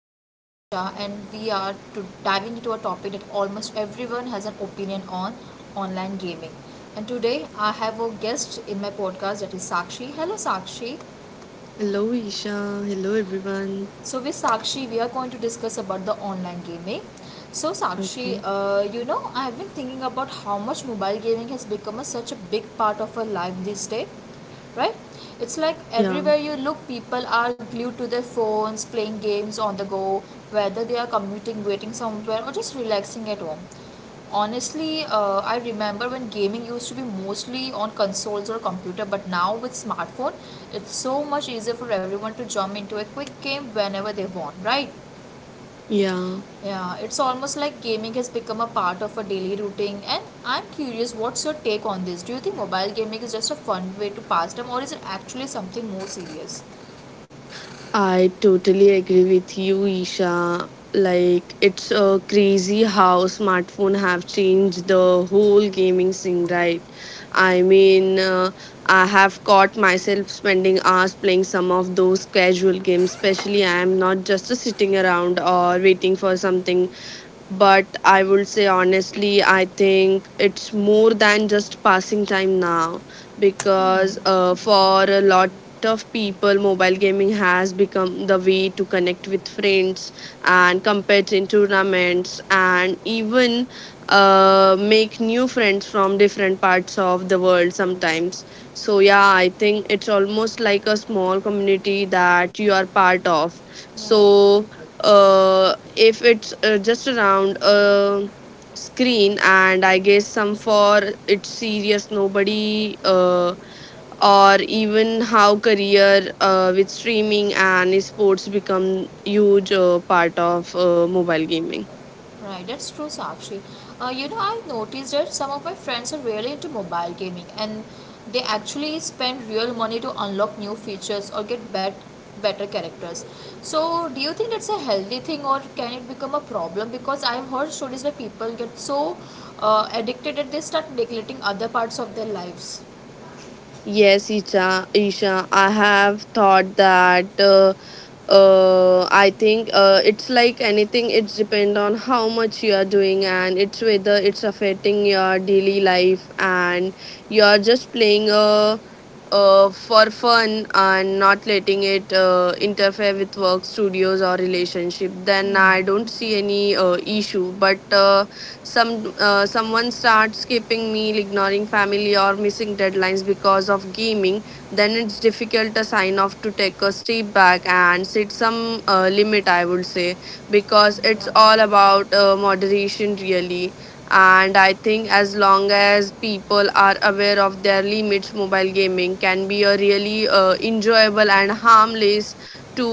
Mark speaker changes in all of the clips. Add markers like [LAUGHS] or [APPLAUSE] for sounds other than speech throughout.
Speaker 1: your host Isha and we are to diving into a topic that almost everyone has an opinion on online gaming. And today I have a guest in my podcast that is Sakshi. Hello Sakshi.
Speaker 2: Hello, Isha. Hello, everyone.
Speaker 1: So with Sakshi, we are going to discuss about the online gaming. So Sakshi,
Speaker 2: Okay.
Speaker 1: I have been thinking about how much mobile gaming has become such a big part of our life these days, right? It's like
Speaker 2: Yeah.
Speaker 1: everywhere you look, people are glued to their phones, playing games on the go, whether they are commuting, waiting somewhere, or just relaxing at home. Honestly, I remember when gaming used to be mostly on consoles or computer, but now with smartphone, it's so much easier for everyone to jump into a quick game whenever they want, right?
Speaker 2: Yeah.
Speaker 1: Yeah, it's almost like gaming has become a part of a daily routine. And I'm curious, what's your take on this? Do you think mobile gaming is just a fun way to pass time, or is it actually something more serious?
Speaker 2: I totally agree with you, Isha. Like, it's crazy how smartphone have changed the whole gaming scene, right? I mean, uh, I have caught myself spending hours playing some of those casual games, especially I am not just sitting around or waiting for something. But I would say honestly, I think it's more than just passing time now because for a lot of people, mobile gaming has become the way to connect with friends and compete in tournaments and even make new friends from different parts of the world sometimes. So, yeah, I think it's almost like a small community that you are part of.
Speaker 1: Right.
Speaker 2: So, uh if it's just around a screen and I guess some for it's serious nobody or even how career with streaming and esports become huge part of mobile gaming.
Speaker 1: Right, that's true, Sakshi. I noticed that some of my friends are really into mobile gaming and they actually spend real money to unlock new features or get better characters. So, do you think that's a healthy thing or can it become a problem? Because I've heard stories where people get so addicted that they start neglecting other parts of their lives.
Speaker 2: Yes, Isha, I have thought that I think it's like anything, it's depend on how much you are doing and it's whether it's affecting your daily life, and you are just playing for fun and not letting it interfere with work, studios, or relationship, then I don't see any issue. But someone starts skipping meal, ignoring family, or missing deadlines because of gaming, then it's difficult a sign off to take a step back and set some limit, I would say, because it's
Speaker 1: Right.
Speaker 2: all about moderation really. And I think as long as people are aware of their limits, mobile gaming can be a really enjoyable and harmless to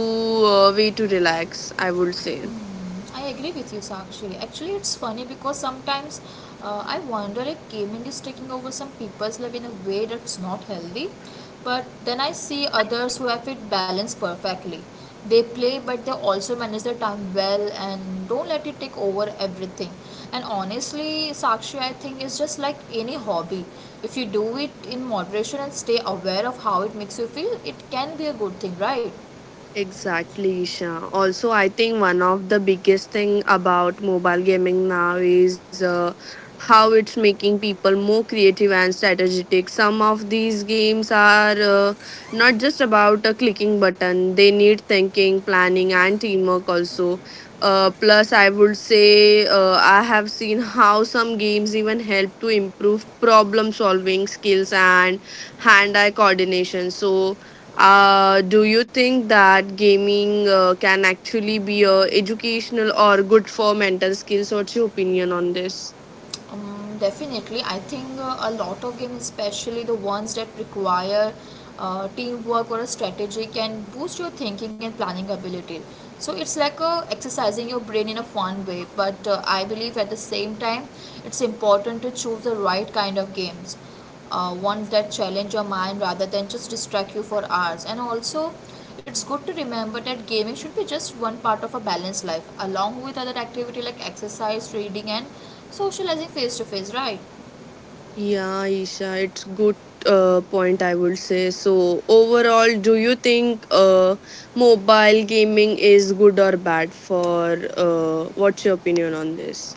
Speaker 2: way to relax, I would say.
Speaker 1: Mm, I agree with you, Sakshi. Actually, it's funny because sometimes I wonder if gaming is taking over some people's life in a way that's not healthy. But then I see others who have it balanced perfectly. They play, but they also manage their time well and don't let it take over everything. And honestly, Sakshi, I think it's just like any hobby. If you do it in moderation and stay aware of how it makes you feel, it can be a good thing, right?
Speaker 2: Exactly, Isha. Also, I think one of the biggest thing about mobile gaming now is how it's making people more creative and strategic. Some of these games are not just about a clicking button; they need thinking, planning, and teamwork also. Plus, I would say I have seen how some games even help to improve problem solving skills and hand-eye coordination. So do you think that gaming can actually be educational or good for mental skills? What's your opinion on this?
Speaker 1: Definitely, I think a lot of games, especially the ones that require teamwork or a strategy, can boost your thinking and planning ability. So it's like exercising your brain in a fun way, but I believe at the same time, it's important to choose the right kind of games, ones that challenge your mind rather than just distract you for hours. And also, it's good to remember that gaming should be just one part of a balanced life, along with other activity like exercise, reading, and socializing face to face, right?
Speaker 2: Yeah, Isha, it's good point, I would say. So overall, do you think mobile gaming is good or bad for what's your opinion on this?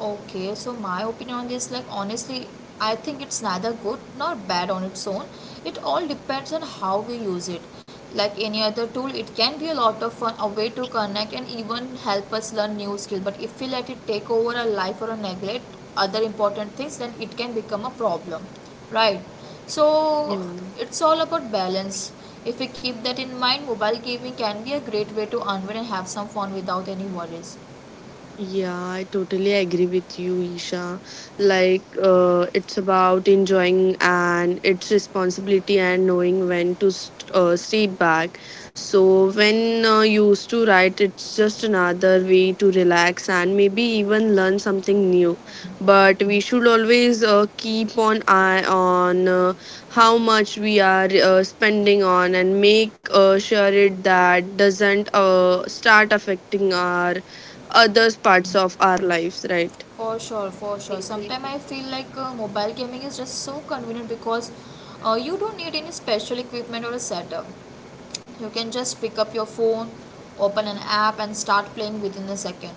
Speaker 1: Okay, so my opinion on this, like honestly, I think it's neither good nor bad on its own. It all depends on how we use it. Like any other tool, it can be a lot of fun, a way to connect and even help us learn new skill. But if we let it take over our life or neglect other important things, then it can become a problem, right? So
Speaker 2: Yeah.
Speaker 1: it's all about balance. If we keep that in mind, mobile gaming can be a great way to unwind and have some fun without any worries.
Speaker 2: Yeah, I totally agree with you, Isha. Like, it's about enjoying and it's responsibility and knowing when to step back. So, when you used to write, it's just another way to relax and maybe even learn something new. But we should always keep on eye on how much we are spending on and make sure it that doesn't start affecting our other parts of our lives, right?
Speaker 1: For sure, for sure. Sometimes I feel like mobile gaming is just so convenient because you don't need any special equipment or a setup. You can just pick up your phone, open an app, and start playing within a second.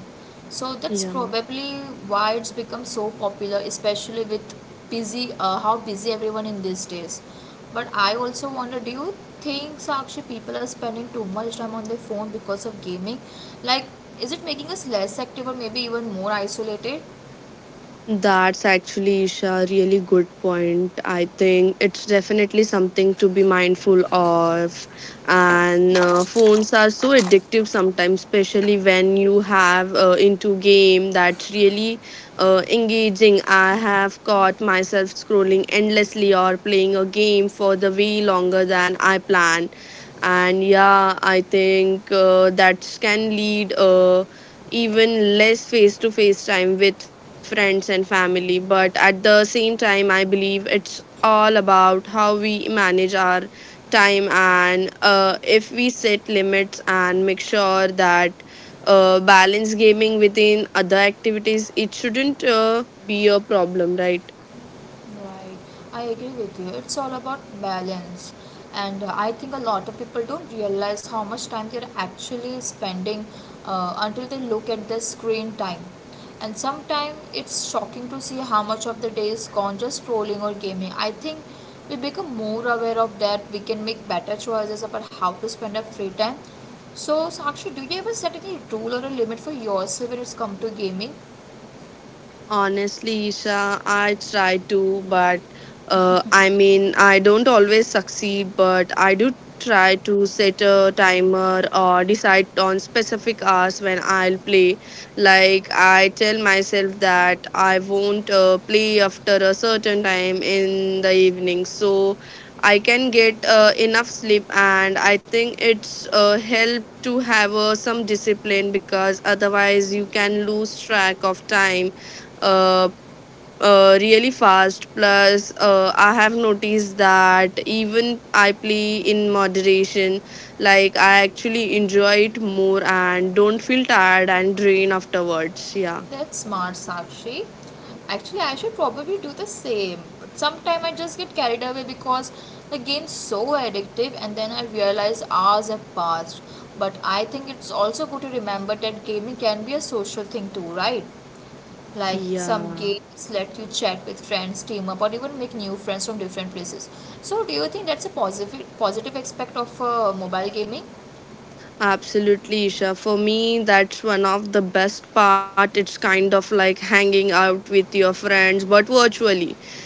Speaker 1: So that's
Speaker 2: Yeah.
Speaker 1: probably why it's become so popular, especially with busy how busy everyone in these days. But I also wonder, do you think Sakshi people are spending too much time on their phone because of gaming? Like, is it making us less active or maybe even more isolated?
Speaker 2: That's actually, Isha, a really good point. I think it's definitely something to be mindful of. And phones are so addictive sometimes, especially when you have into game that's really engaging. I have caught myself scrolling endlessly or playing a game for the way longer than I planned. And yeah, I think that can lead. Even less face to face time with friends and family. But at the same time, I believe it's all about how we manage our time and if we set limits and make sure that balance gaming within other activities, it shouldn't be a problem, right?
Speaker 1: Right, I agree with you. It's all about balance, and I think a lot of people don't realize how much time they're actually spending until they look at their screen time. And sometimes it's shocking to see how much of the day is gone just scrolling or gaming. I think we become more aware of that. We can make better choices about how to spend our free time. So, Sakshi, do you ever set any rule or a limit for yourself when it's come to gaming?
Speaker 2: Honestly, Isha, I try to, but I mean, I don't always succeed, but I do try to set a timer or decide on specific hours when I'll play. Like, I tell myself that I won't play after a certain time in the evening, so I can get enough sleep, and I think it's help to have some discipline because otherwise you can lose track of time uh, really fast. Plus, I have noticed that even I play in moderation, like I actually enjoy it more and don't feel tired and drained afterwards. Yeah.
Speaker 1: That's smart, Sakshi. Actually, I should probably do the same. But sometimes I just get carried away because the game's so addictive, and then I realize hours have passed. But I think it's also good to remember that gaming can be a social thing too, right? Like some
Speaker 2: Yeah.
Speaker 1: games let you chat with friends, team up, or even make new friends from different places. So, do you think that's a positive aspect of mobile gaming?
Speaker 2: Absolutely, Isha. For me, that's one of the best part. It's kind of like hanging out with your friends, but virtually.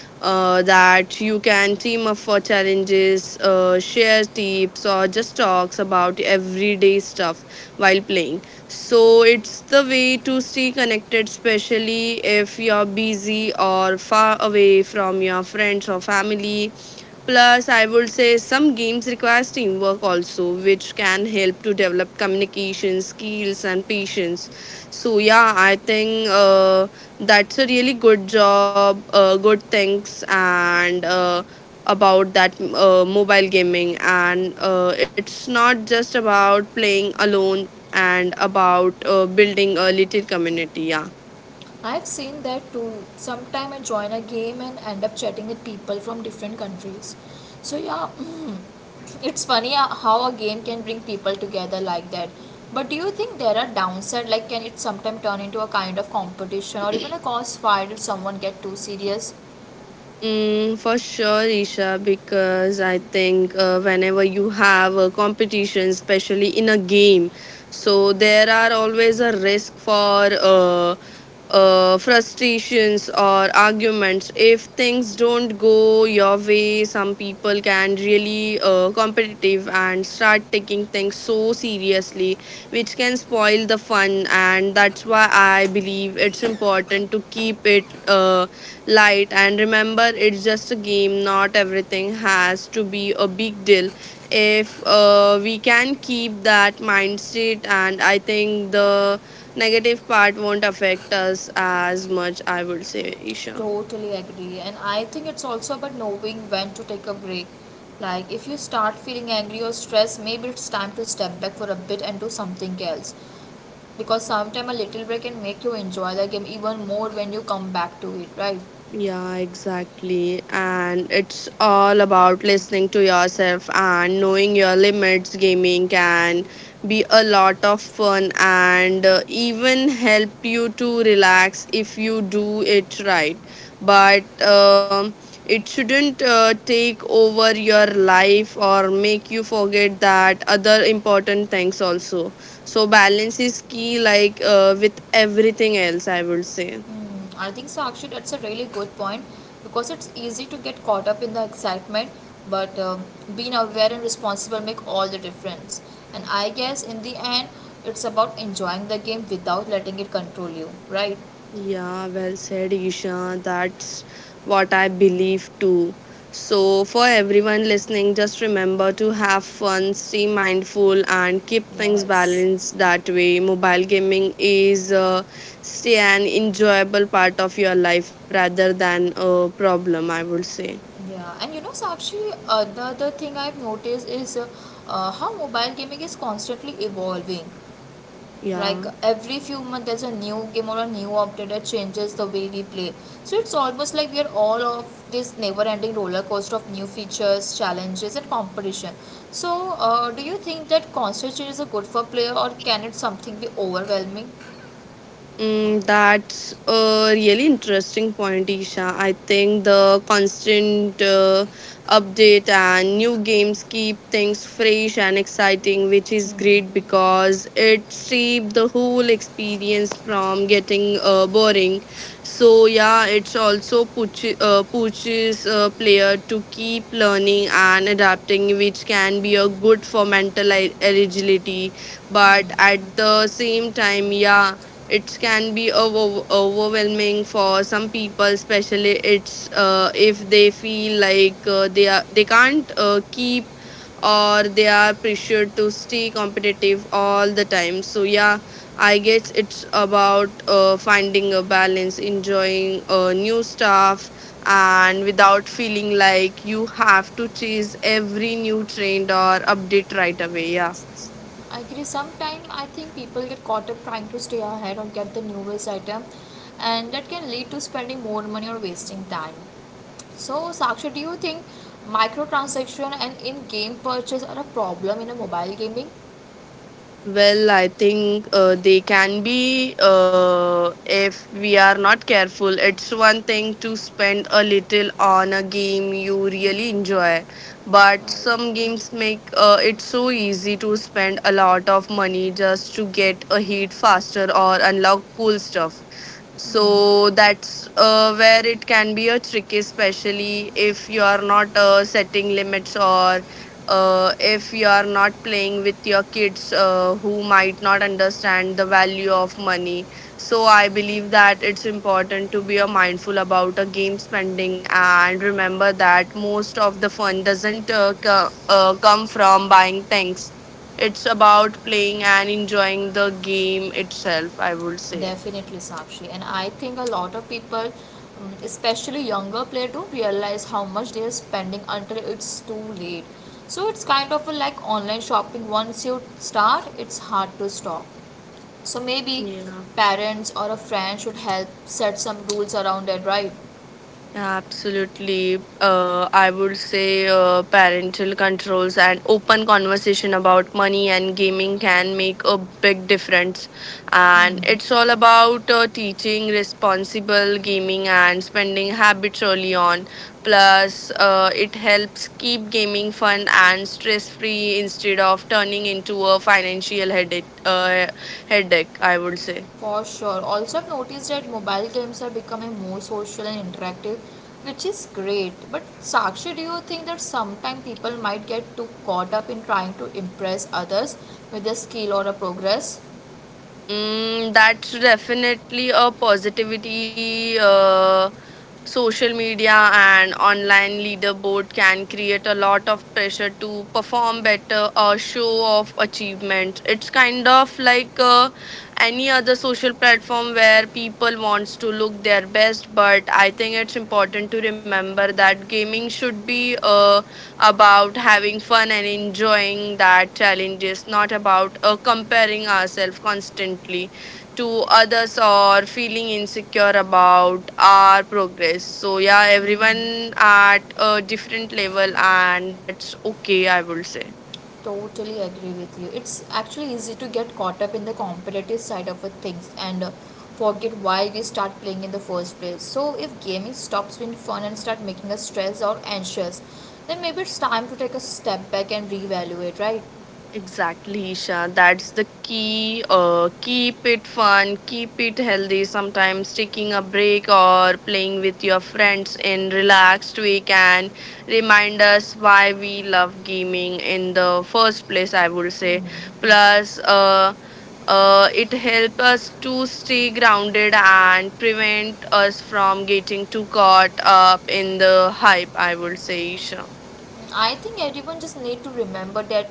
Speaker 2: That you can team up for challenges, share tips, or just talks about everyday stuff while playing. So it's the way to stay connected, especially if you're busy or far away from your friends or family. Plus, I would say some games require teamwork also, which can help to develop communication skills and patience. So yeah, I think that's a really good job, good things, and about that mobile gaming. And it's not just about playing alone and about building a little community. Yeah.
Speaker 1: I've seen that too. Sometime I join a game and end up chatting with people from different countries. So yeah, mm, it's funny how a game can bring people together like that. But do you think there are downside? Like, can it sometimes turn into a kind of competition or even a cause fight if someone get too serious?
Speaker 2: Mm, for sure, Isha, because I think whenever you have a competition, especially in a game, so there are always a risk for frustrations or arguments if things don't go your way. Some people can really competitive and start taking things so seriously, which can spoil the fun, and that's why I believe it's important to keep it light and remember it's just a game, not everything has to be a big deal. If we can keep that mindset, and I think the negative part won't affect us as much, I would say, Isha.
Speaker 1: Totally agree. And I think it's also about knowing when to take a break. Like, if you start feeling angry or stressed, maybe it's time to step back for a bit and do something else, because sometimes a little break can make you enjoy the game even more when you come back to it, right?
Speaker 2: Yeah, exactly. And it's all about listening to yourself and knowing your limits. Gaming can be a lot of fun and even help you to relax if you do it right. But it shouldn't take over your life or make you forget that other important things also. So, balance is key, like with everything else, I would say.
Speaker 1: Mm, I think so. Actually, that's a really good point because it's easy to get caught up in the excitement, but being aware and responsible make all the difference. And I guess in the end, it's about enjoying the game without letting it control you, right?
Speaker 2: Yeah, well said, Isha. That's what I believe too. So, for everyone listening, just remember to have fun, stay mindful, and keep things
Speaker 1: Yes.
Speaker 2: balanced that way. Mobile gaming is stay an enjoyable part of your life rather than a problem, I would say.
Speaker 1: Yeah, and you know, Sakshi, the other thing I've noticed is how mobile gaming is constantly evolving.
Speaker 2: Yeah.
Speaker 1: Like every few months there's a new game or a new update that changes the way we play, so it's almost like we are all of this never ending roller coaster of new features, challenges and competition. So do you think that constant change is a good for player or can it something be overwhelming?
Speaker 2: Mm, that's a really interesting point, Isha. I think the constant update and new games keep things fresh and exciting, which is great
Speaker 1: Hmm.
Speaker 2: because it keeps the whole experience from getting boring. So yeah, it's also pushes a player to keep learning and adapting, which can be a good for mental agility. But at the same time, yeah, it can be overwhelming for some people, especially it's if they feel like they can't keep or they are pressured to stay competitive all the time. So yeah, I guess it's about finding a balance, enjoying new stuff and without feeling like you have to chase every new trend or update right away. Yeah.
Speaker 1: I agree, sometimes I think people get caught up trying to stay ahead or get the newest item, and that can lead to spending more money or wasting time. So, Sakshi, do you think microtransaction and in-game purchase are a problem in a mobile gaming?
Speaker 2: Well, I think they can be if we are not careful. It's one thing to spend a little on a game you really enjoy, but
Speaker 1: Right.
Speaker 2: some games make it so easy to spend a lot of money just to get a hit faster or unlock cool stuff. So that's where it can be a tricky, especially if you are not setting limits or if you are not playing with your kids who might not understand the value of money. So I believe that it's important to be mindful about a game spending and remember that most of the fun doesn't come from buying things. It's about playing and enjoying the game itself, I would say.
Speaker 1: Definitely, Sakshi. And I think a lot of people, mm, especially younger players, don't realize how much they are spending until it's too late. So it's kind of a like online shopping. Once you start, it's hard to stop. So maybe
Speaker 2: Yeah,
Speaker 1: parents or a friend should help set some rules around it, right?
Speaker 2: absolutely. I would say parental controls and open conversation about money and gaming can make a big difference. And it's all about teaching responsible gaming and spending habits early on. Plus, it helps keep gaming fun and stress free instead of turning into a financial headache, I would say.
Speaker 1: For sure. Also, I've noticed that mobile games are becoming more social and interactive, which is great. But Sakshi, do you think that sometimes people might get too caught up in trying to impress others with a skill or a progress?
Speaker 2: Mm, that's definitely a positivity. Social media and online leaderboard can create a lot of pressure to perform better or show off achievements. It's kind of like any other social platform where people wants to look their best. But I think it's important to remember that gaming should be about having fun and enjoying that challenge is not about comparing ourselves constantly to others or feeling insecure about our progress. So yeah, everyone at a different level, and that's okay, I would say.
Speaker 1: Totally agree with you. It's actually easy to get caught up in the competitive side of a things and forget why we start playing in the first place. So, if gaming stops being fun and start making us stressed or anxious, then maybe it's time to take a step back and reevaluate, right?
Speaker 2: Exactly, Isha. That's the key. Keep it fun, keep it healthy. Sometimes taking a break or playing with your friends in relaxed way can remind us why we love gaming in the first place, I would say. Plus, it helps us to stay grounded and prevent us from getting too caught up in the hype, I would say, Isha.
Speaker 1: I think everyone just need to remember that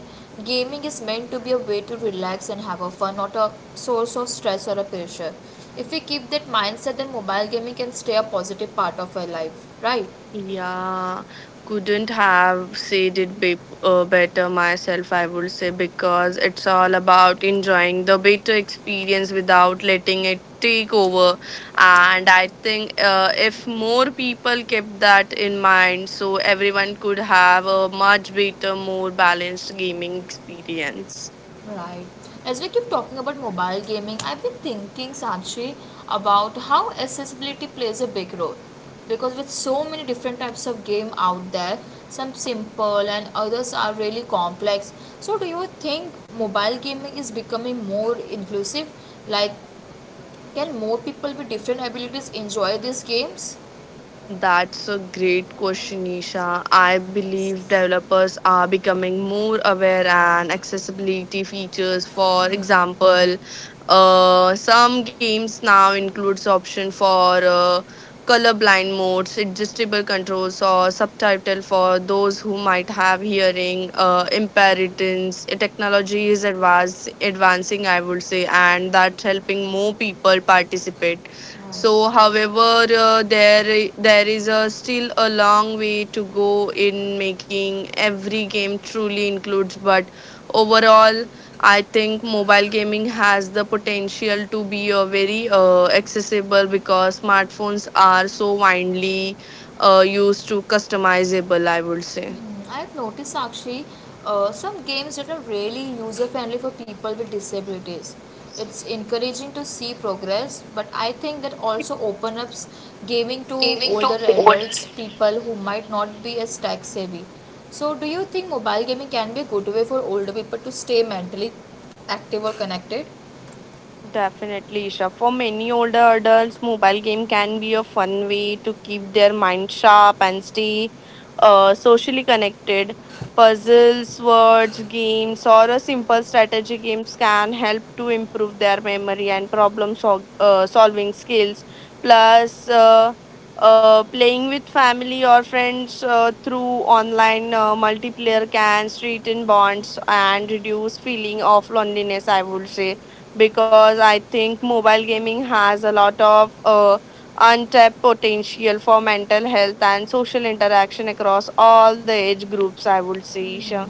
Speaker 1: gaming is meant to be a way to relax and have a fun, not a source of stress or a pressure. If we keep that mindset, then mobile gaming can stay a positive part of our life, right?
Speaker 2: Yeah, couldn't have said it better myself, I would say, because it's all about enjoying the better experience without letting it take over. And I think if more people kept that in mind, so everyone could have a much better, more balanced gaming experience.
Speaker 1: Right. As we keep talking about mobile gaming, I've been thinking, Sanchi, about how accessibility plays a big role. Because with so many different types of game out there, some simple and others are really complex. So do you think mobile gaming is becoming more inclusive? Like, can more people with different abilities enjoy these games?
Speaker 2: That's a great question, Nisha. I believe developers are becoming more aware and accessibility features. For example, some games now includes option for color blind modes, adjustable controls, or subtitle for those who might have hearing impairments. Technology is advancing, I would say, and that's helping more people participate.
Speaker 1: Right.
Speaker 2: So, however, there is still a long way to go in making every game truly includes. But overall, I think mobile gaming has the potential to be a very accessible because smartphones are so widely used to customizable, I would say.
Speaker 1: Hmm, I've noticed actually some games that are really user friendly for people with disabilities. It's encouraging to see progress, but I think that also opens up gaming to older adults, people who might not be as tech savvy. So, do you think mobile gaming can be a good way for older people to stay mentally active or connected?
Speaker 2: Definitely, Isha. For many older adults, mobile game can be a fun way to keep their mind sharp and stay socially connected. Puzzles, words, games, or a simple strategy games can help to improve their memory and solving skills. Plus, playing with family or friends through online multiplayer can strengthen bonds and reduce feeling of loneliness, I would say, because I think mobile gaming has a lot of untapped potential for mental health and social interaction across all the age groups, I would say, Isha.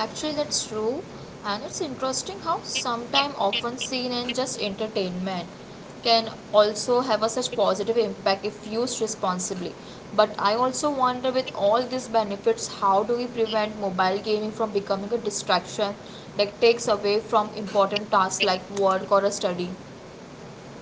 Speaker 1: Actually, that's true, and it's interesting how sometime often seen in just entertainment can also have a such positive impact if used responsibly. But I also wonder, with all these benefits, how do we prevent mobile gaming from becoming a distraction that takes away from important tasks like work or a study?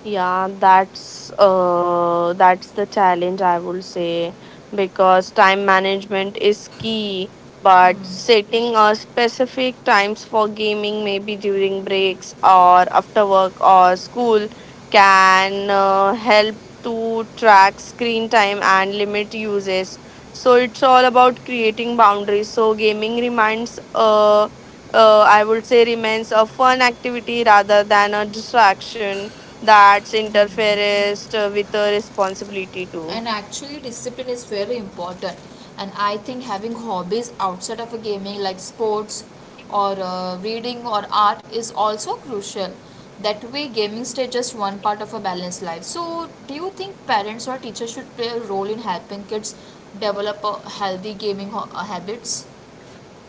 Speaker 2: Yeah, that's the challenge, I would say, because time management is key, but setting a specific times for gaming maybe during breaks or after work or school can help to track screen time and limit uses. So it's all about creating boundaries. So gaming reminds I would say remains a fun activity rather than a distraction that's interferes with the responsibility too.
Speaker 1: And actually discipline is very important, and I think having hobbies outside of a gaming like sports or reading or art is also crucial. That way gaming stays just one part of a balanced life. So do you think parents or teachers should play a role in helping kids develop a healthy gaming habits?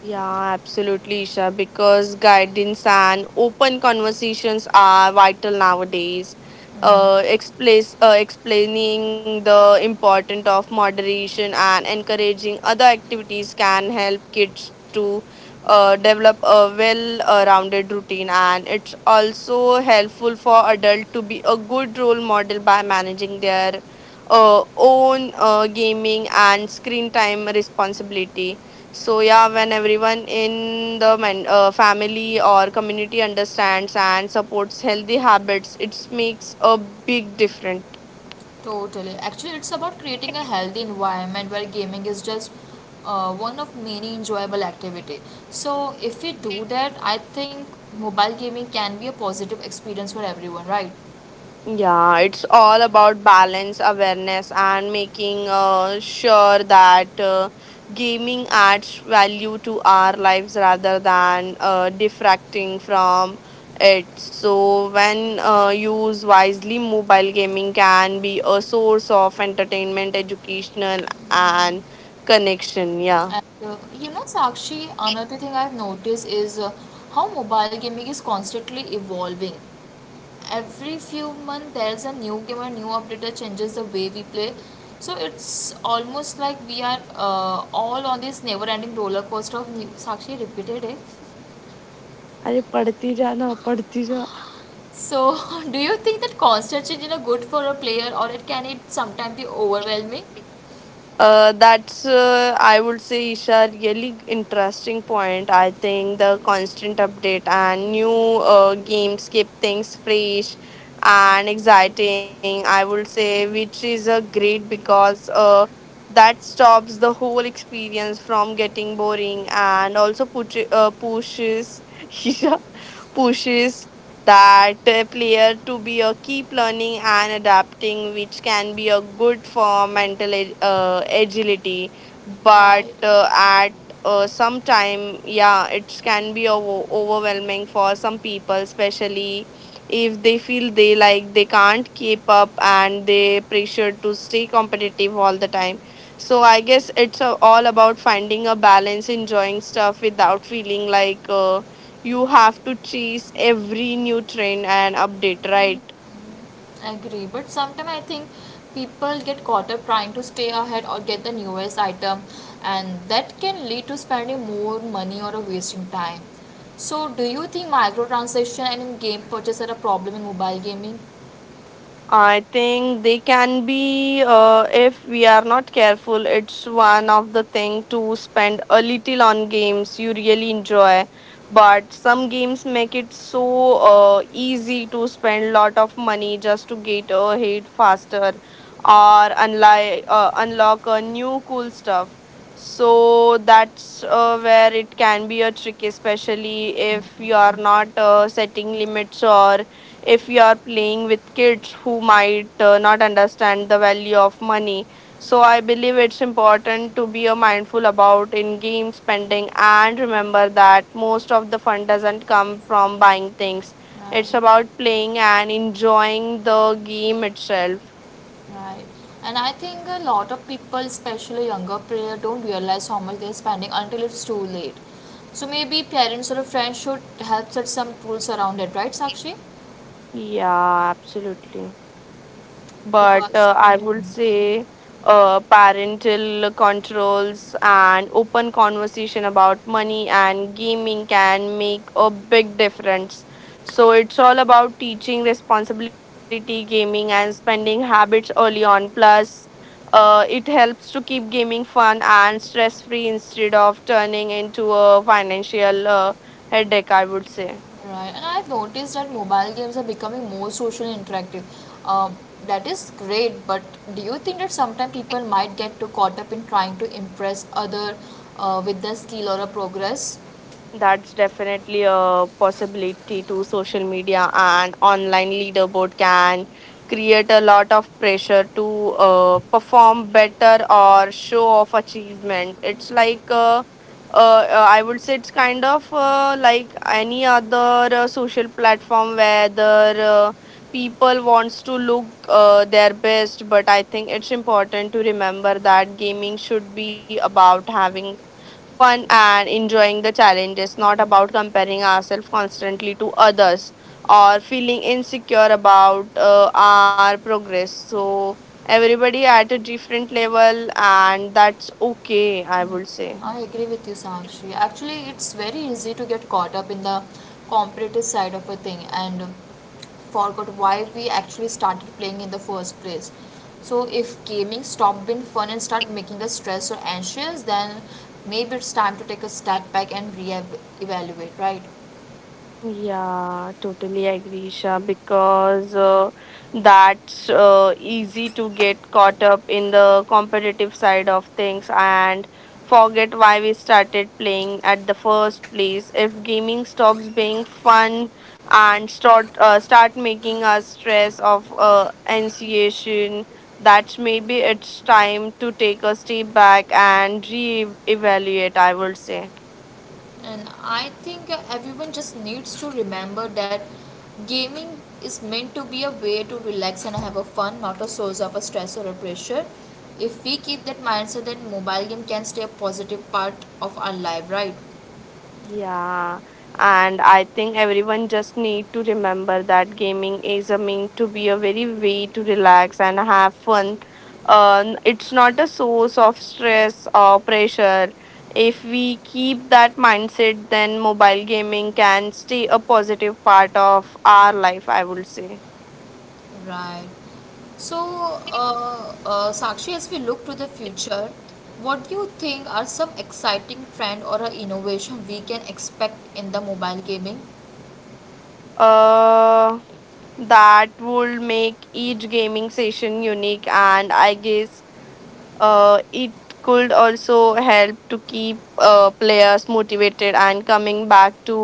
Speaker 2: Yeah, absolutely, Isha, because guidance and open conversations are vital nowadays. Explaining the importance of moderation and encouraging other activities can help kids to develop a well rounded routine. And it's also helpful for adults to be a good role model by managing their own gaming and screen time responsibility. So yeah, when everyone in the family or community understands and supports healthy habits, it makes a big difference.
Speaker 1: Totally. Actually, it's about creating a healthy environment where gaming is just one of many enjoyable activity. So if we do that, I think mobile gaming can be a positive experience for everyone, right?
Speaker 2: Yeah, it's all about balance, awareness, and making sure that gaming adds value to our lives rather than defracting from it. So, when used wisely, mobile gaming can be a source of entertainment, educational, and connection. Yeah.
Speaker 1: And Sakshi, another thing I've noticed is how mobile gaming is constantly evolving. Every few months there's a new game and new updater changes the way we play. So it's almost like we are all on this never ending roller coaster of new sakshi repeated it.
Speaker 2: अरे पढ़ती जा ना पढ़ती जा.
Speaker 1: So [LAUGHS] do you think that constant change is good for a player, or it can it sometimes be overwhelming?
Speaker 2: That's I would say, Isha, really interesting point. I think the constant update and new games keep things fresh and exciting, I would say, which is a great because that stops the whole experience from getting boring and also pushes [LAUGHS] Isha pushes that player to be a keep learning and adapting, which can be a good for mental agility, but
Speaker 1: Right.
Speaker 2: at some time, yeah, it can be overwhelming for some people, especially if they feel they like they can't keep up and they pressure to stay competitive all the time. So I guess it's all about finding a balance enjoying stuff without feeling like you have to chase every new trend and update, right?
Speaker 1: Agree, but sometimes I think people get caught up trying to stay ahead or get the newest item, and that can lead to spending more money or wasting time. So do you think microtransaction and in game purchase are a problem in mobile gaming?
Speaker 2: I think they can be, if we are not careful. It's one of the thing to spend a little on games you really enjoy. But some games make it so easy to spend lot of money just to get ahead faster or unlock a new cool stuff. So that's where it can be a trick, especially if you are not setting limits or if you are playing with kids who might not understand the value of money. So I believe it's important to be mindful about in-game spending and remember that most of the fun doesn't come from buying things. It's
Speaker 1: Right.
Speaker 2: about playing and enjoying the game itself.
Speaker 1: Right, and I think a lot of people, especially younger player, don't realize how much they're spending until it's too late. So maybe parents or a friend should help set some rules around it, right, Sakshi?
Speaker 2: Yeah, absolutely. But
Speaker 1: Because
Speaker 2: I
Speaker 1: Mhm.
Speaker 2: would say parental controls and open conversation about money and gaming can make a big difference. So it's all about teaching responsibility, gaming, and spending habits early on. Plus, it helps to keep gaming fun and stress free instead of turning into a financial headache, I would say.
Speaker 1: Right, and I've noticed that mobile games are becoming more social and interactive. Um, that is great, but do you think that sometimes people might get too caught up in trying to impress other with their skill or a progress?
Speaker 2: That's definitely a possibility to social media and online leaderboard can create a lot of pressure to perform better or show off achievement. It's like I would say it's kind of like any other social platform where the people wants to look their best, but I think it's important to remember that gaming should be about having fun and enjoying the challenge is not about comparing ourselves constantly to others or feeling insecure about our progress. So, everybody at a different level, and that's okay, I would say.
Speaker 1: I agree with you, Sakshi. Actually, it's very easy to get caught up in the competitive side of a thing and forgot why we actually started playing in the first place. So, if gaming stopped being fun and start making us stressed or anxious, then maybe it's time to take a step back and re-evaluate, right?
Speaker 2: Yeah, totally agree, Isha, because that's easy to get caught up in the competitive side of things and forget why we started playing at the first place. If gaming stops being fun and start making us stress of anxiety, that's maybe it's time to take a step back and re-evaluate, I would say.
Speaker 1: And I think everyone just needs to remember that gaming is meant to be a way to relax and have a fun, not a source of a stress or a pressure. If we keep that mindset, then mobile game can stay a positive part of our life, right?
Speaker 2: Yeah, and I think everyone just need to remember that gaming is a mean to be a very way to relax and have fun. It's not a source of stress or pressure. If we keep that mindset, then mobile gaming can stay a positive part of our life, I would say.
Speaker 1: Right. So, Sakshi, as we look to the future, what do you think are some exciting trend or a innovation we can expect in the mobile gaming?
Speaker 2: Uh, that would make each gaming session unique, and I guess it could also help to keep players motivated and coming back to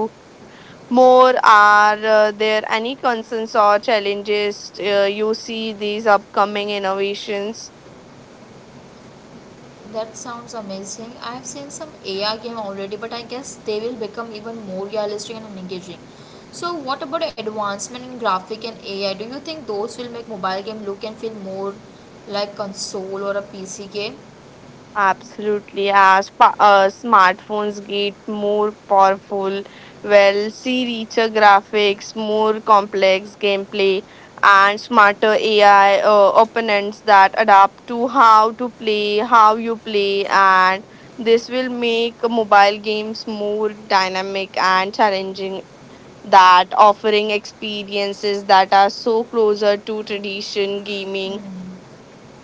Speaker 2: more. Are there any concerns or challenges you see these upcoming innovations?
Speaker 1: That sounds amazing. I have seen some AI game already, but I guess they will become even more realistic and engaging. So, what about advancement in graphic and AI? Do you think those will make mobile game look and feel more like console or a PC game?
Speaker 2: Absolutely, as smartphones get more powerful, well, see richer graphics, more complex gameplay, and smarter AI opponents that adapt to how to play, how you play, and this will make mobile games more dynamic and challenging. That offering experiences that are so closer to tradition gaming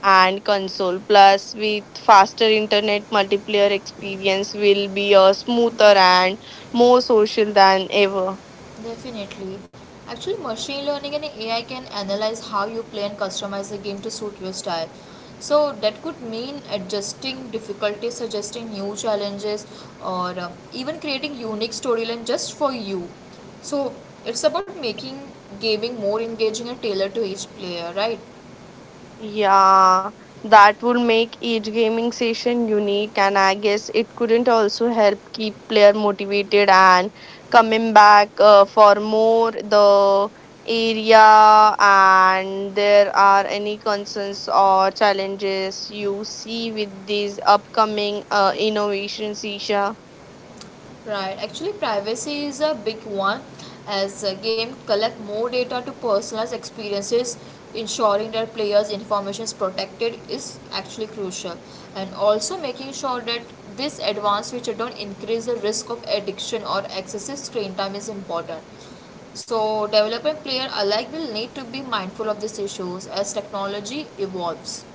Speaker 2: and console. Plus, with faster internet, multiplayer experience will be a smoother and more social than ever.
Speaker 1: Definitely. Actually, machine learning and AI can analyze how you play and customize the game to suit your style. So that could mean adjusting difficulty, suggesting new challenges, or even creating unique storyline just for you. So it's about making gaming more engaging and tailored to each player, right?
Speaker 2: Yeah, that would make each gaming session unique, and I guess it couldn't also help keep player motivated and coming back for more the area, and there are any concerns or challenges you see with these upcoming innovations, Isha?
Speaker 1: Right. Actually, privacy is a big one as games collect more data to personalize experiences. Ensuring that players' information is protected is actually crucial, and also making sure that this advanced feature don't increase the risk of addiction or excessive screen time is important. So, developer and player alike will need to be mindful of these issues as technology evolves.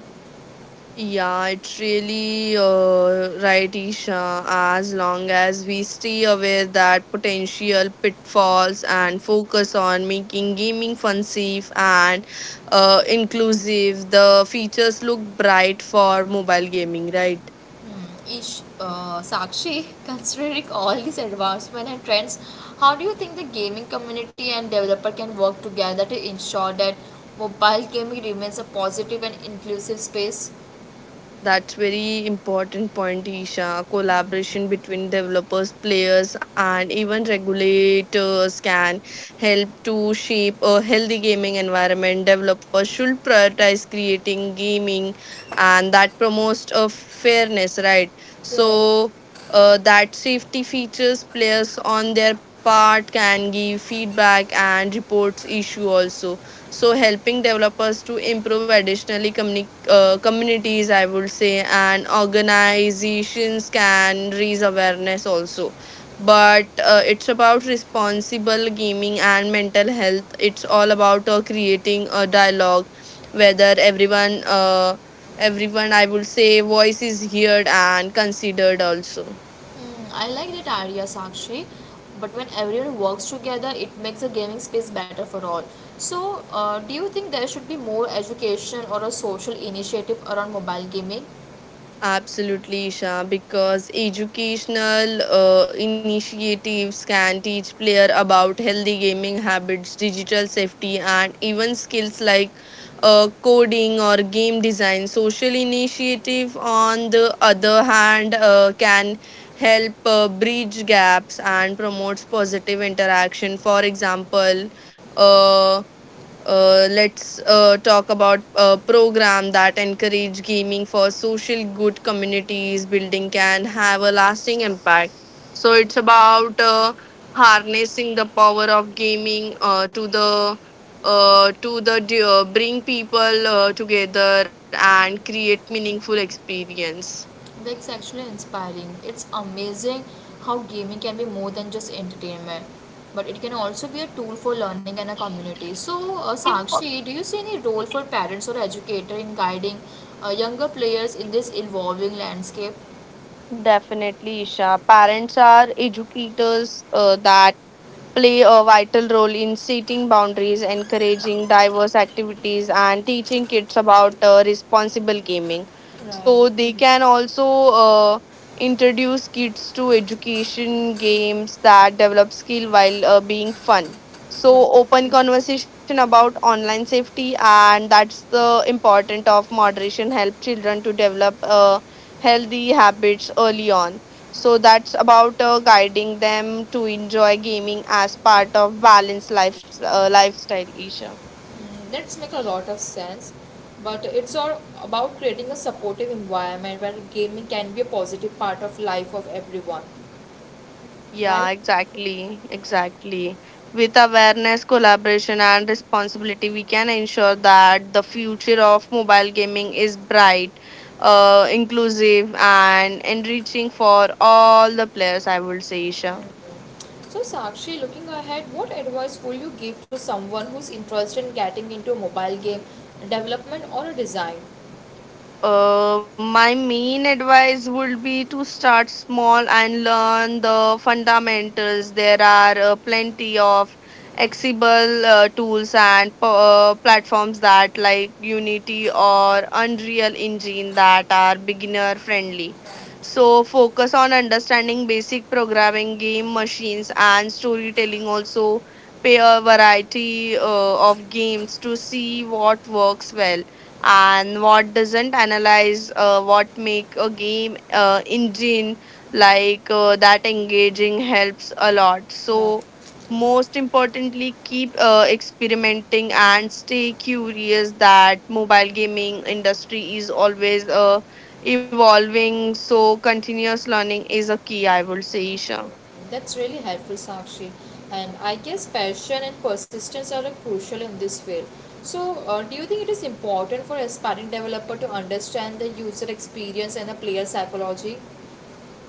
Speaker 2: Yeah, it's really right, Isha. As long as we stay aware that potential pitfalls and focus on making gaming fun, safe, and inclusive, the features look bright for mobile gaming, right?
Speaker 1: Sakshi, [LAUGHS] considering all these advancements and trends, how do you think the gaming community and developer can work together to ensure that mobile gaming remains a positive and inclusive space?
Speaker 2: That's very important point, Isha. Collaboration between developers, players, and even regulators can help to shape a healthy gaming environment. Developers should prioritize creating gaming and that promotes a fairness, right?
Speaker 1: Right.
Speaker 2: So that safety features players on their part can give feedback and reports issue also, so helping developers to improve additionally communities, I would say, and organizations can raise awareness also, but it's about responsible gaming and mental health. It's all about creating a dialogue whether everyone, I would say, voice is heard and considered also.
Speaker 1: Hmm, I like that idea, Sakshi. But when everyone works together, it makes the gaming space better for all. So, do you think there should be more education or a social initiative around mobile gaming?
Speaker 2: Absolutely, Isha, because educational initiatives can teach player about healthy gaming habits, digital safety, and even skills like coding or game design. Social initiative, on the other hand, can help bridge gaps and promotes positive interaction. For example, uh, let's talk about a program that encourage gaming for social good communities building can have a lasting impact. So it's about harnessing the power of gaming to the bring people together and create meaningful experience.
Speaker 1: That's actually inspiring. It's amazing how gaming can be more than just entertainment, but it can also be a tool for learning and a community. So, Sakshi, do you see any role for parents or educator in guiding younger players in this evolving landscape?
Speaker 2: Definitely, Isha. Parents are educators that play a vital role in setting boundaries, encouraging diverse activities, and teaching kids about responsible gaming.
Speaker 1: Right,
Speaker 2: So they can also uh, introduce kids to education games that develop skill while being fun.
Speaker 1: right.
Speaker 2: So open conversation about online safety, and that's the important of moderation. Help children to develop healthy habits early on. So that's about guiding them to enjoy gaming as part of balanced life lifestyle, Isha.
Speaker 1: Mm, that's make a lot of sense. But it's all about creating a supportive environment where gaming can be a positive part of life of everyone, right?
Speaker 2: Yeah, exactly, exactly. With awareness, collaboration, and responsibility, we can ensure that the future of mobile gaming is bright, inclusive, and enriching for all the players, I would say, Isha.
Speaker 1: So, Sakshi, looking ahead, what advice would you give to someone who's interested in getting into a mobile game development or a design?
Speaker 2: My main advice would be to start small and learn the fundamentals. There are plenty of accessible tools and platforms that, like Unity or Unreal Engine, that are beginner friendly. So, focus on understanding basic programming, game machines, and storytelling. Also, play a variety of games to see what works well and what doesn't. Analyze what make a game engine like that engaging helps a lot.
Speaker 1: Right.
Speaker 2: So most importantly keep experimenting and stay curious that mobile gaming industry is always evolving. So continuous learning is a key, I would say, Isha.
Speaker 1: That's really helpful, Sakshi. And I guess passion and persistence are crucial in this field. So, do you think it is important for aspiring developer to understand the user experience and the player psychology?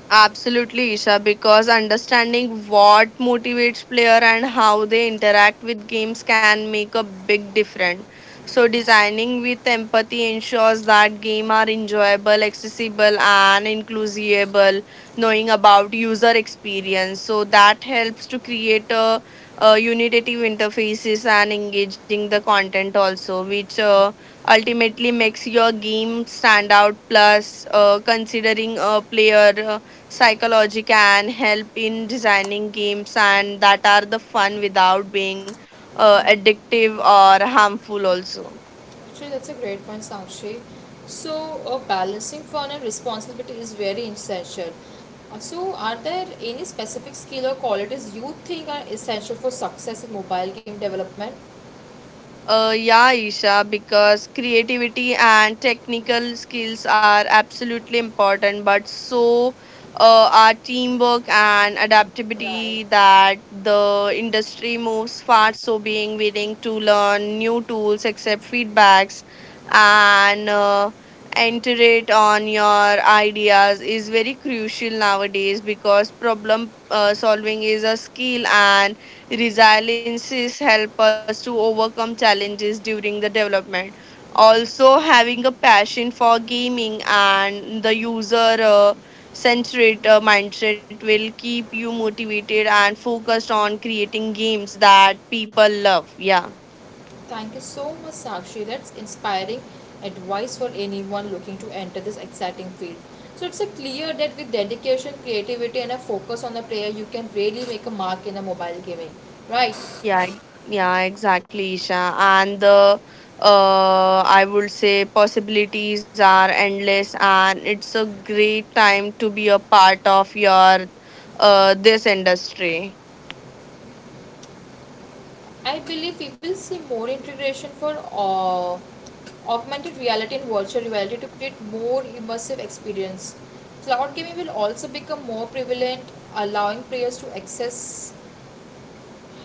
Speaker 2: Absolutely, Isha, because understanding what motivates player and how they interact with games can make a big difference. So designing with empathy ensures that game are enjoyable, accessible and inclusible, knowing about user experience. So that helps to create a unitative interfaces and engaging the content also, which ultimately makes your game stand out. Plus, considering a player psychology can help in designing games and that are the fun without being addictive or harmful also.
Speaker 1: Actually, that's a great point, Sakshi. So, balancing fun and responsibility is very essential. So, are there any specific skill or qualities you think are essential for success in mobile game development?
Speaker 2: Yeah, Isha, because creativity and technical skills are absolutely important, but so are teamwork and
Speaker 1: Right.
Speaker 2: adaptability that the industry moves fast. So, being willing to learn new tools, accept feedbacks, and iterate on your ideas is very crucial nowadays because problem solving is a skill and Resiliences help us to overcome challenges during the development. Also, having a passion for gaming and the user centric mindset will keep you motivated and focused on creating games that people love. Yeah.
Speaker 1: Thank you so much, Sakshi. That's inspiring advice for anyone looking to enter this exciting field. So, it's a clear that with dedication, creativity, and a focus on the player, you can really make a mark in a mobile gaming, right?
Speaker 2: Yeah, exactly, Isha. And the I would say possibilities are endless, and it's a great time to be a part of your this industry.
Speaker 1: I believe we will see more integration for augmented reality and virtual reality to create more immersive experience. Cloud gaming will also become more prevalent, allowing players to access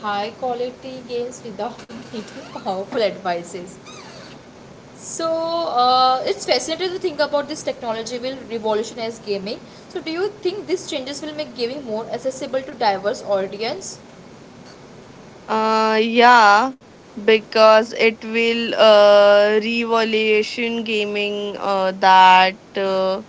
Speaker 1: high quality games without [LAUGHS] needing powerful devices. So it's fascinating to think about this technology will revolutionize gaming. So do you think these changes will make gaming more accessible to diverse audience?
Speaker 2: Yeah, because it will revolution gaming that. Uh,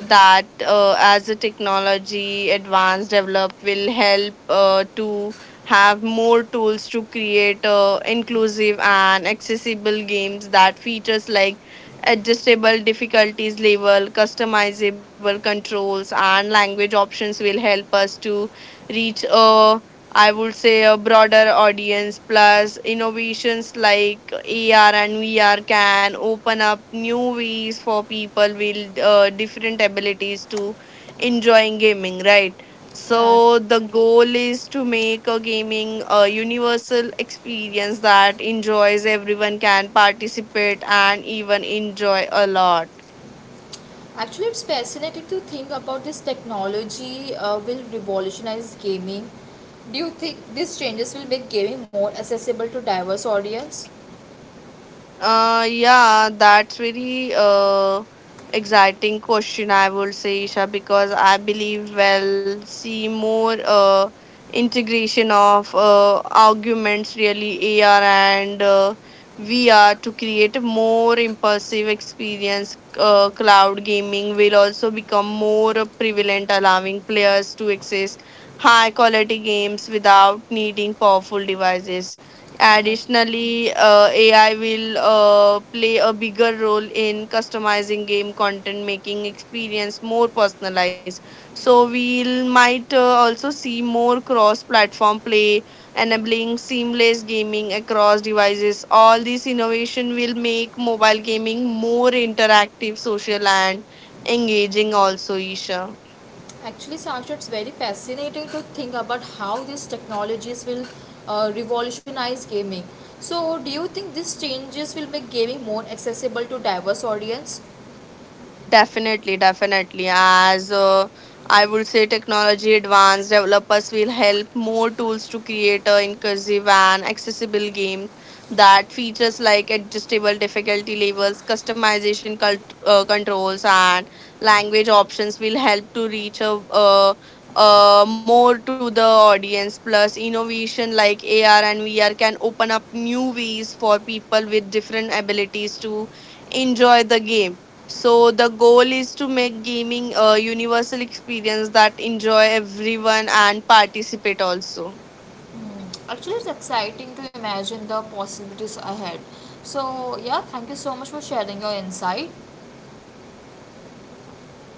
Speaker 2: that uh, As the technology advance develop will help to have more tools to create inclusive and accessible games that features like adjustable difficulties level customizable controls and language options will help us to reach a, I would say, a broader audience. Plus innovations like AR and VR can open up new ways for people with different abilities to enjoying gaming, right?
Speaker 1: Right.
Speaker 2: So the goal is to make a gaming a universal experience that enjoys everyone can participate and even enjoy a lot.
Speaker 1: Actually, it's fascinating to think about this technology will revolutionize gaming. Do you think these changes will make gaming more accessible to diverse audience?
Speaker 2: Yeah, that's very exciting question, I would say, Isha, because I believe we'll see more integration of arguments, really AR and VR to create a more immersive experience. Cloud gaming will also become more prevalent, allowing players to access high quality games without needing powerful devices.
Speaker 1: Yeah.
Speaker 2: Additionally, AI will play a bigger role in customizing game content, making experience more personalized. So we'll might also see more cross-platform play, enabling seamless gaming across devices. All this innovation will make mobile gaming more interactive, social, and engaging. Also, Isha.
Speaker 1: Actually, Saksha, it's very fascinating to think about how these technologies will revolutionize gaming. So, do you think these changes will make gaming more accessible to diverse audience?
Speaker 2: Definitely, definitely. As I would say, technology advanced developers will help more tools to create a inclusive and accessible game that features like adjustable difficulty levels, customization controls, and language options will help to reach a more to the audience. Plus, innovation like AR and VR can open up new ways for people with different abilities to enjoy the game, so the goal is to make gaming a universal experience that enjoy everyone and participate also.
Speaker 1: Hmm. Actually, it's exciting to imagine the possibilities ahead. So, yeah, thank you so much for sharing your insight.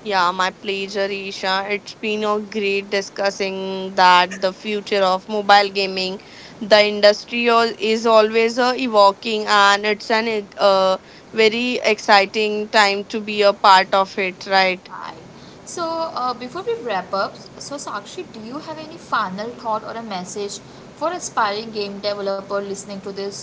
Speaker 2: Yeah, my pleasure, Isha. It's been a great discussing that the future of mobile gaming. The industry is always evoking, and it's an very exciting time to be a part of it, right?
Speaker 1: Hi. So, before we wrap up, so Sakshi, do you have any final thought or a message for aspiring game developer listening to this?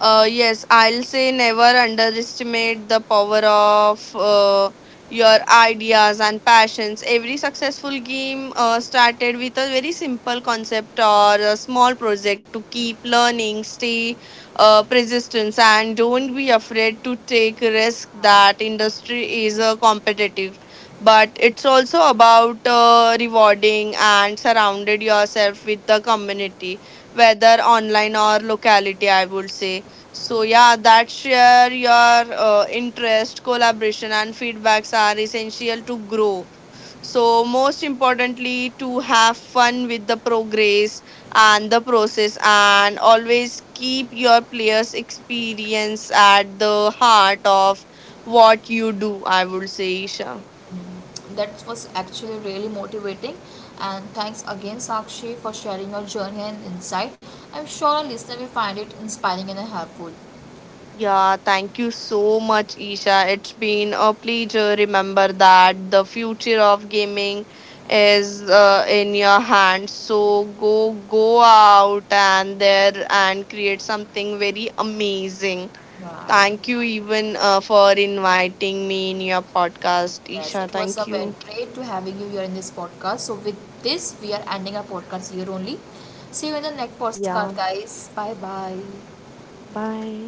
Speaker 2: Yes, I'll say never underestimate the power of your ideas and passions. Every successful game started with a very simple concept or a small project to keep learning, stay persistence, and don't be afraid to take risk. That
Speaker 1: Hi.
Speaker 2: industry is competitive, but it's also about rewarding and surrounded yourself with the community, whether online or locality. I would say, so yeah, that share your interest, collaboration, and feedbacks are essential to grow. So most importantly, to have fun with the progress and the process, and always keep your players' experience at the heart of what you do. I would say, Isha.
Speaker 1: That was actually really motivating, and thanks again, Sakshi, for sharing your journey and insight. I'm sure our listener will find it inspiring and helpful.
Speaker 2: Yeah, thank you so much, Isha. It's been a pleasure. Remember that the future of gaming is in your hands. So go out and there and create something very amazing.
Speaker 1: Right.
Speaker 2: Thank you even for inviting me in your podcast,
Speaker 1: Yes,
Speaker 2: Isha.
Speaker 1: it was a
Speaker 2: Thank
Speaker 1: very
Speaker 2: you.
Speaker 1: great to having you here in this podcast. So, with this, we are ending our podcast here only. See you in the next
Speaker 2: Yeah.
Speaker 1: podcast, guys. Bye bye.
Speaker 2: Bye.